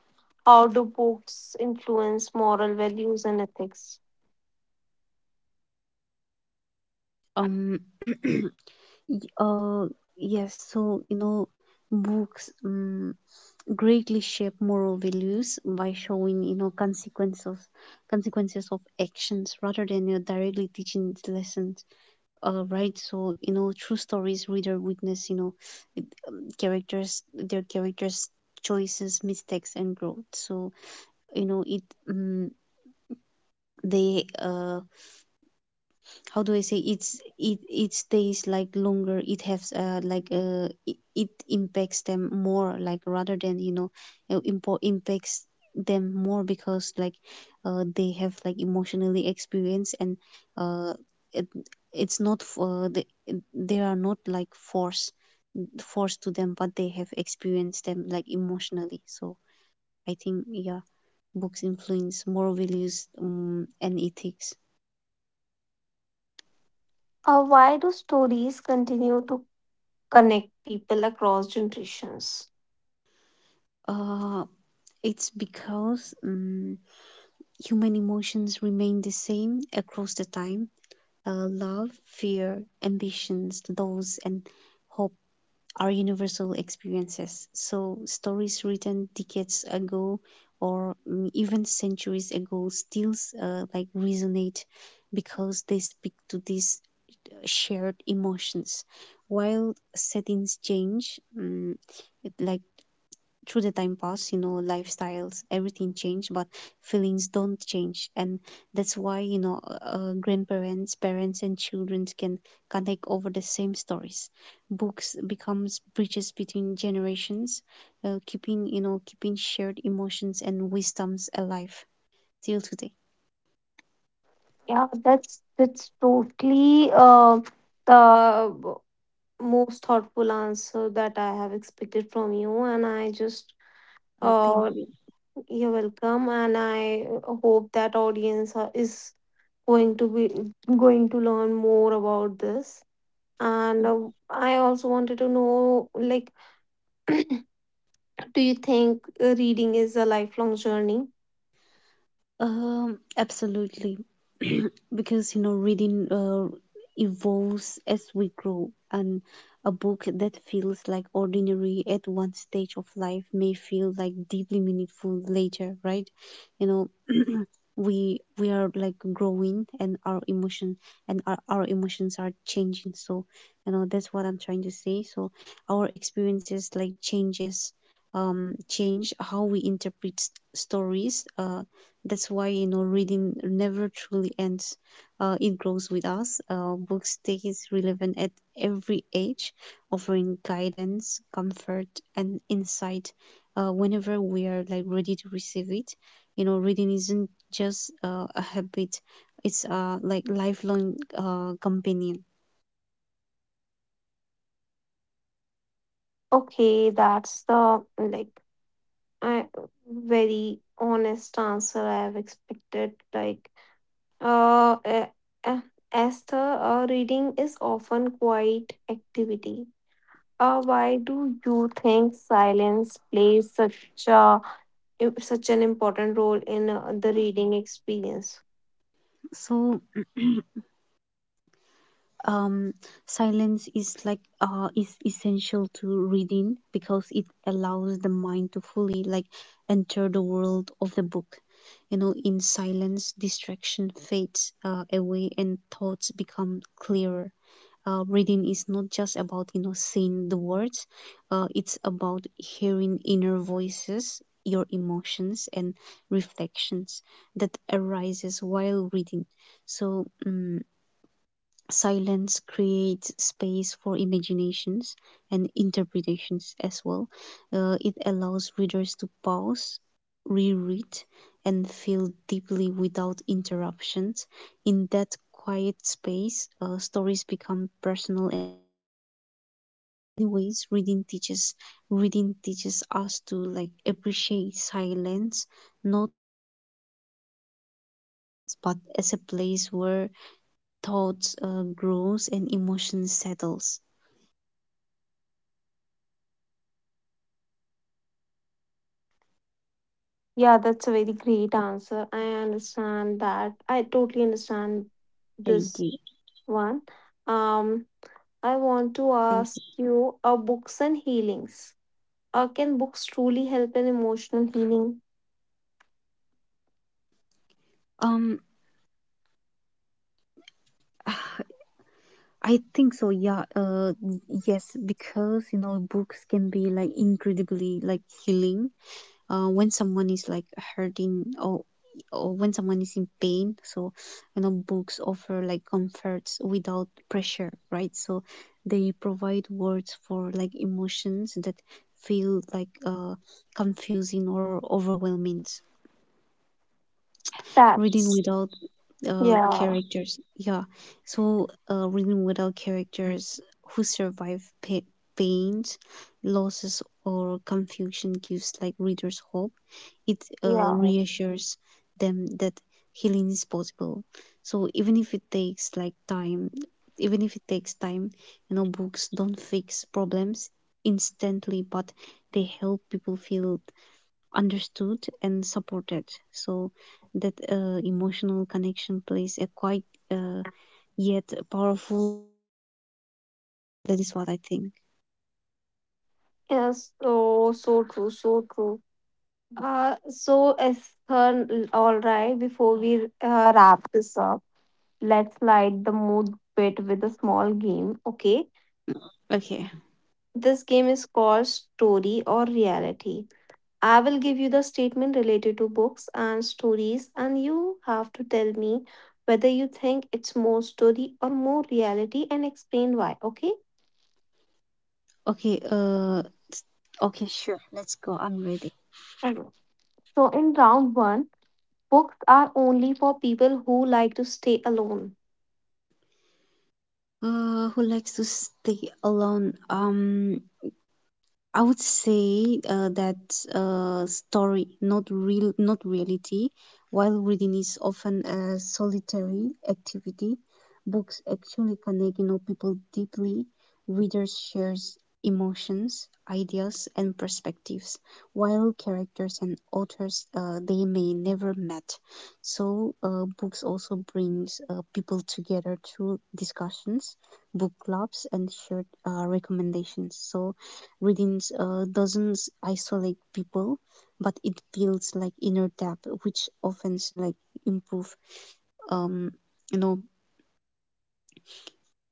Speaker 1: how do books influence moral values and ethics?
Speaker 2: Um, y- uh, yes. So you know, books greatly shape moral values by showing you know consequences of actions rather than you know, directly teaching lessons, right? So you know true stories reader witness you know it, characters their characters choices, mistakes, and growth. So you know it um, they how do I say, it stays like longer, it has it impacts them more like rather than you know impacts them more because like they have like emotionally experience and uh, it, it's not for the, they are not forced to them, but they have experienced them like emotionally. So I think yeah, books influence moral values and ethics.
Speaker 1: Why do stories continue to connect people across generations?
Speaker 2: uh It's because human emotions remain the same across the time. Love, fear, ambitions, loss, and hope are universal experiences. So, stories written decades ago or even centuries ago still like resonate because they speak to these shared emotions. While settings change, mm, like through the time pass, you know, lifestyles, everything changed, but feelings don't change. And that's why, you know, grandparents, parents, and children can take over the same stories. Books becomes bridges between generations, keeping shared emotions and wisdoms alive till today.
Speaker 1: Yeah, that's totally the most thoughtful answer that I have expected from you. And
Speaker 2: Thank
Speaker 1: uh,
Speaker 2: you.
Speaker 1: you're welcome. And I hope that audience is going to learn more about this. And I also wanted to know, like, do you think reading is a lifelong journey?
Speaker 2: Absolutely. Because, you know, reading evolves as we grow, and a book that feels like ordinary at one stage of life may feel like deeply meaningful later, right? You know, we are like growing and our emotions are changing. So, you know, that's what I'm trying to say. So, our experiences like change how we interpret stories. That's why, you know, reading never truly ends. It grows with us. Books stays relevant at every age, offering guidance, comfort, and insight whenever we are like ready to receive it. You know, reading isn't just a habit; it's like lifelong companion.
Speaker 1: Okay, that's the like I very honest answer I have expected. Like Uh, a- a- as the reading is often quiet activity. Why do you think silence plays such an important role in the reading experience?
Speaker 2: So um, Silence is like is essential to reading because it allows the mind to fully like enter the world of the book. In silence, distraction fades away and thoughts become clearer. Uh, reading is not just about seeing the words. It's about hearing inner voices, your emotions, and reflections that arises while reading. so um, Silence creates space for imaginations and interpretations as well. It allows readers to pause, reread, and feel deeply without interruptions. In that quiet space, stories become personal. Anyways, reading teaches us to like appreciate silence, not but as a place where thoughts grows and emotions settles. Thank you.
Speaker 1: Yeah, that's a very great answer. I understand that. I
Speaker 2: Thank you.
Speaker 1: totally understand this one. Um, I want to ask you, books and healings. Can books truly
Speaker 2: Um.
Speaker 1: help in emotional healing?
Speaker 2: I think so, yeah. Yes, because you know, books can be like incredibly like healing. When someone is like hurting or when someone is in pain, so you know, books offer like comforts without pressure, right? So they provide words for like emotions that feel like confusing or overwhelming. Reading without characters. Yeah,
Speaker 1: That's
Speaker 2: so
Speaker 1: yeah,
Speaker 2: reading without characters who survive pains, losses, or confusion gives like readers hope. It reassures
Speaker 1: yeah.
Speaker 2: them that healing is possible. So even if it takes time, you know, books don't fix problems instantly, but they help people feel understood and supported. So that emotional connection plays a quite uh, yet powerful. That is what I think.
Speaker 1: Yes, so so true, so true. So, Esther, all right, before we wrap this up, let's light the mood bit with a small game, okay?
Speaker 2: Okay.
Speaker 1: This game is called Story or Reality. I will give you the statement related to books and stories, and you have to tell me whether you think it's more story or more reality and explain why, okay?
Speaker 2: Okay. Okay. Sure. Let's go. I'm ready.
Speaker 1: Okay. So, in round one, books are only for people who like to stay alone.
Speaker 2: Who likes to stay alone? I would say that story, not real, not reality. While reading is often a solitary activity, books actually connect people deeply. Readers shares emotions, ideas, and perspectives, while characters and authors they may never met. So books also brings people together through discussions, book clubs, and shared recommendations. So readings doesn't isolate people, but it builds like inner depth, which often like improve um you know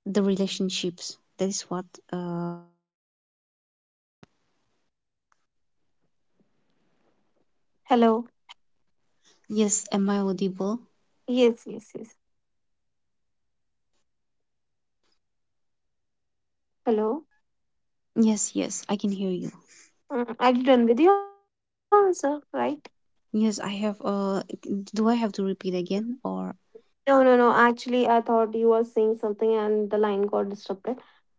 Speaker 2: the relationships. That is what uh yes.
Speaker 1: Hello.
Speaker 2: Am I audible?
Speaker 1: Yes, yes, yes. Hello.
Speaker 2: Yes, yes, I can hear you.
Speaker 1: Mm, are you done with your answer, right?
Speaker 2: Yes, I have do I have to repeat again or
Speaker 1: No, no, no. Actually, I thought you were saying something and the line got disrupted,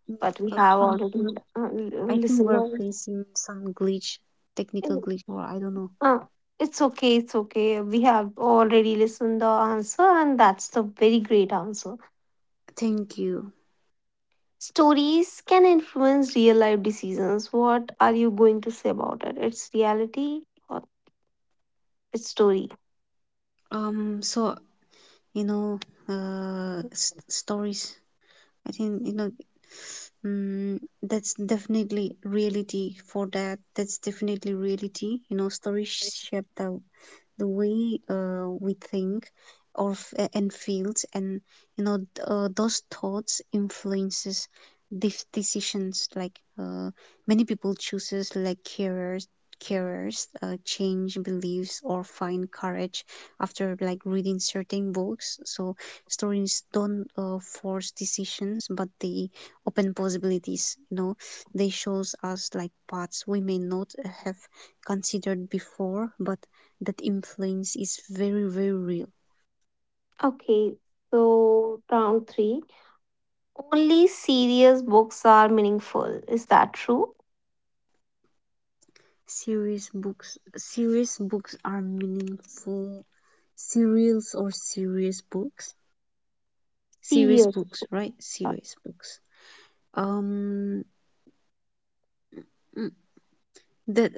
Speaker 2: Yeah,
Speaker 1: but we have
Speaker 2: some
Speaker 1: already
Speaker 2: I think
Speaker 1: listened.
Speaker 2: we're facing some glitch, technical glitch or I don't know.
Speaker 1: Uh, it's okay, it's okay. We have already listened the answer, and that's the very great answer.
Speaker 2: Thank you.
Speaker 1: Stories can influence real life decisions. What are you going to say about it? It's reality or it's story?
Speaker 2: So you know stories I think you know, that's definitely reality for that. That's definitely reality. You know, stories shape the way we think and feels, and those thoughts influences these decisions. Like many people chooses like carers change beliefs or find courage after like reading certain books. So stories don't force decisions, but they open possibilities, you know, they shows us like paths we may not have considered before, but that influence is very very real.
Speaker 1: Okay, so round three. Only serious books are meaningful. Is that true?
Speaker 2: Series books series books are meaningful serials or serious books series
Speaker 1: Serious.
Speaker 2: books right Series books? um mm, that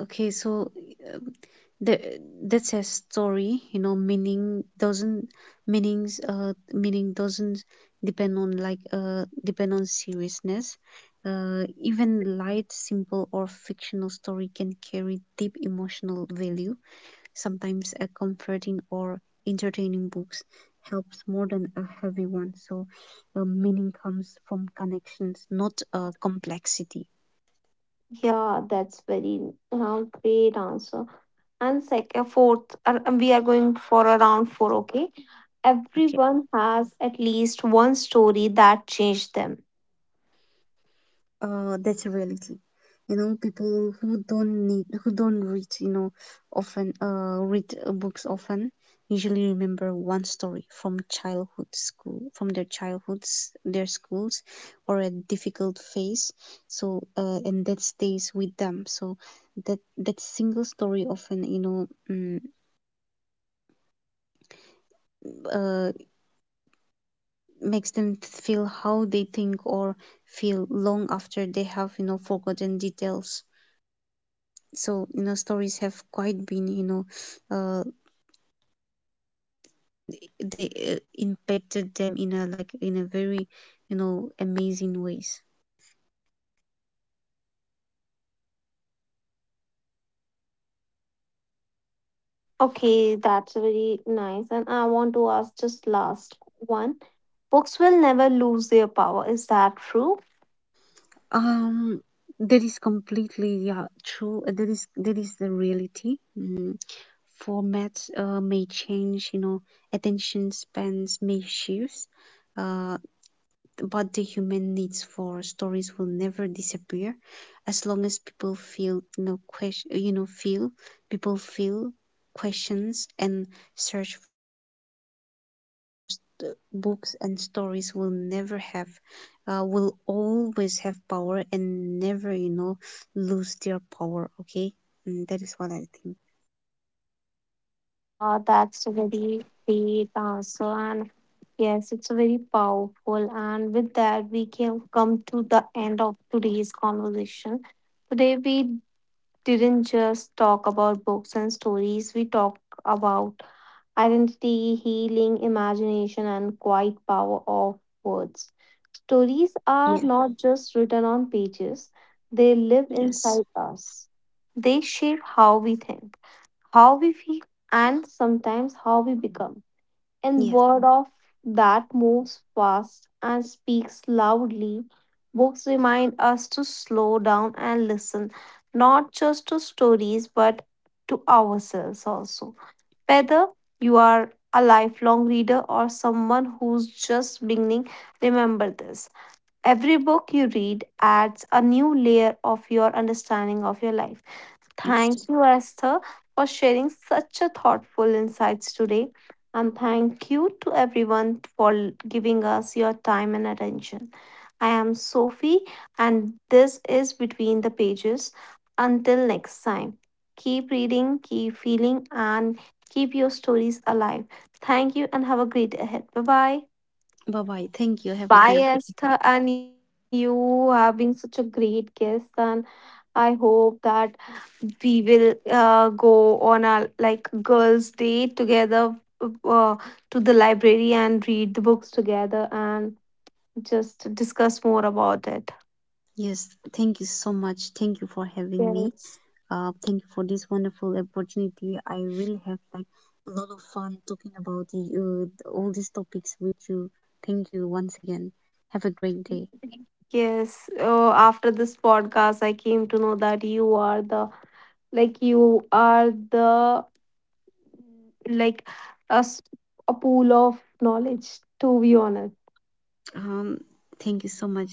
Speaker 2: okay, so um, the that's a story. You know, meaning doesn't meanings uh meaning doesn't depend on like depend on seriousness. Even light, simple or fictional story can carry deep emotional value. Sometimes a comforting or entertaining books helps more than a heavy one. So, meaning comes from connections, not complexity.
Speaker 1: Yeah, that's very great answer. And second, fourth, we are going for a round four, okay?
Speaker 2: Okay.
Speaker 1: Everyone has at least one story that changed them.
Speaker 2: That's a reality. You know, people who don't need who don't read, you know, often read books often usually remember one story from childhood school from their childhoods, their schools, or a difficult phase. So and that stays with them. So that single story often, you know uh, makes them feel how they think or feel long after they have, you know, forgotten details. So you know stories have quite been you know uh, they impacted them in a like in a very you know amazing ways.
Speaker 1: Okay, that's very nice. And I want to ask just last one. Books will never lose their power. Is that true?
Speaker 2: um that is completely yeah true. That is the reality. Mm. Formats may change, you know, attention spans may shift, uh, but the human needs for stories will never disappear. As long as people feel no question you know feel people feel questions and search for books and stories, will never have will always have power and never, you know, lose their power. Okay, and that is what I think.
Speaker 1: Yeah, that's a very great answer. And yes, it's very powerful. And with that, we can come to the end of today's conversation. Today, we didn't just talk about books and stories, we talked about identity, healing, imagination, and quiet power of
Speaker 2: Yes.
Speaker 1: words. Stories are not just written on
Speaker 2: Yes.
Speaker 1: pages, they live inside us. They shape how we think, how we feel, and sometimes
Speaker 2: Yes.
Speaker 1: how we become. And word of that moves fast and speaks loudly. Books remind us to slow down and listen, not just to stories, but to ourselves also. Whether you are a lifelong reader or someone who's just beginning, remember this. Every book you read adds a new layer of your
Speaker 2: Yes.
Speaker 1: understanding of your life. Thank you, Esther, for sharing such a thoughtful insights today. And thank you to everyone for giving us your time and attention. I am Sophie, and this is Between the Pages. Until next time, keep reading, keep feeling, and keep your stories alive. Thank you, and have a
Speaker 2: Bye
Speaker 1: great day
Speaker 2: bye,
Speaker 1: ahead.
Speaker 2: thank
Speaker 1: Bye
Speaker 2: you, have a
Speaker 1: bye,
Speaker 2: great day.
Speaker 1: biased and you having such a great guest, and I hope that we will go on a like girls day together uh, to the library and read the books together and just
Speaker 2: Yes,
Speaker 1: discuss more
Speaker 2: thank you
Speaker 1: about
Speaker 2: so
Speaker 1: it.
Speaker 2: much, thank you for having me. Thank you for this wonderful
Speaker 1: Yes.
Speaker 2: opportunity. I really have like a lot of fun talking about the, all these topics with you. Thank you once again. Have a great day.
Speaker 1: Yes. Oh, after this podcast, I came to know that you are the like you are the like a, s- a pool of knowledge.
Speaker 2: Um,
Speaker 1: To be honest.
Speaker 2: thank you so much. That means a lot to me.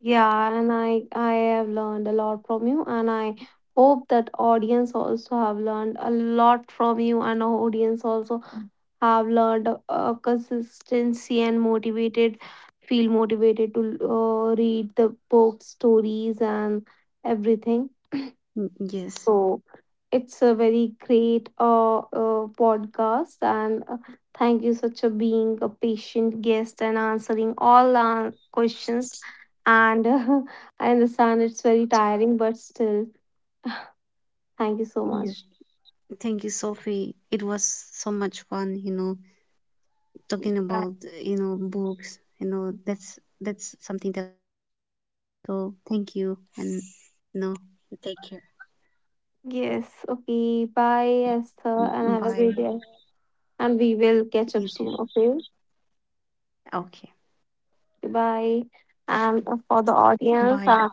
Speaker 1: Yeah, and I have learned a lot from you, and I hope that audience also have learned a lot from you, and our audience also have learned consistency and motivated, feel motivated to read the book stories
Speaker 2: Mm,
Speaker 1: and
Speaker 2: yes.
Speaker 1: everything. So it's a very great podcast, and thank you such a being a patient guest and answering all our questions. And I understand
Speaker 2: Yes.
Speaker 1: it's very tiring,
Speaker 2: Thank you,
Speaker 1: but
Speaker 2: Sophie.
Speaker 1: still,
Speaker 2: It was so much fun, you
Speaker 1: thank you
Speaker 2: know,
Speaker 1: so much.
Speaker 2: talking about, you know, books. That's something that so thank you
Speaker 1: Yeah.
Speaker 2: and you know, take care. Bye. You too.
Speaker 1: Yes.
Speaker 2: Okay.
Speaker 1: Okay. Bye, Esther, and have a great day. And
Speaker 2: Bye.
Speaker 1: we will catch up soon. Okay. Bye. And for the audience, uh,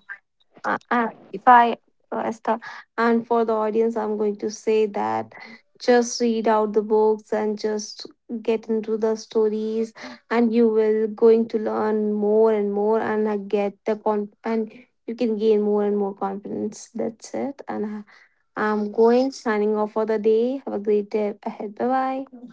Speaker 1: uh, if I uh, as the- and for the audience, I'm going to say that just read out the books and just get into the stories, and you will going to learn more and more, and get the con and you can gain more and more confidence. That's
Speaker 2: Bye
Speaker 1: it,
Speaker 2: bye.
Speaker 1: and I'm going signing off for the day. Have a great day ahead. Bye bye.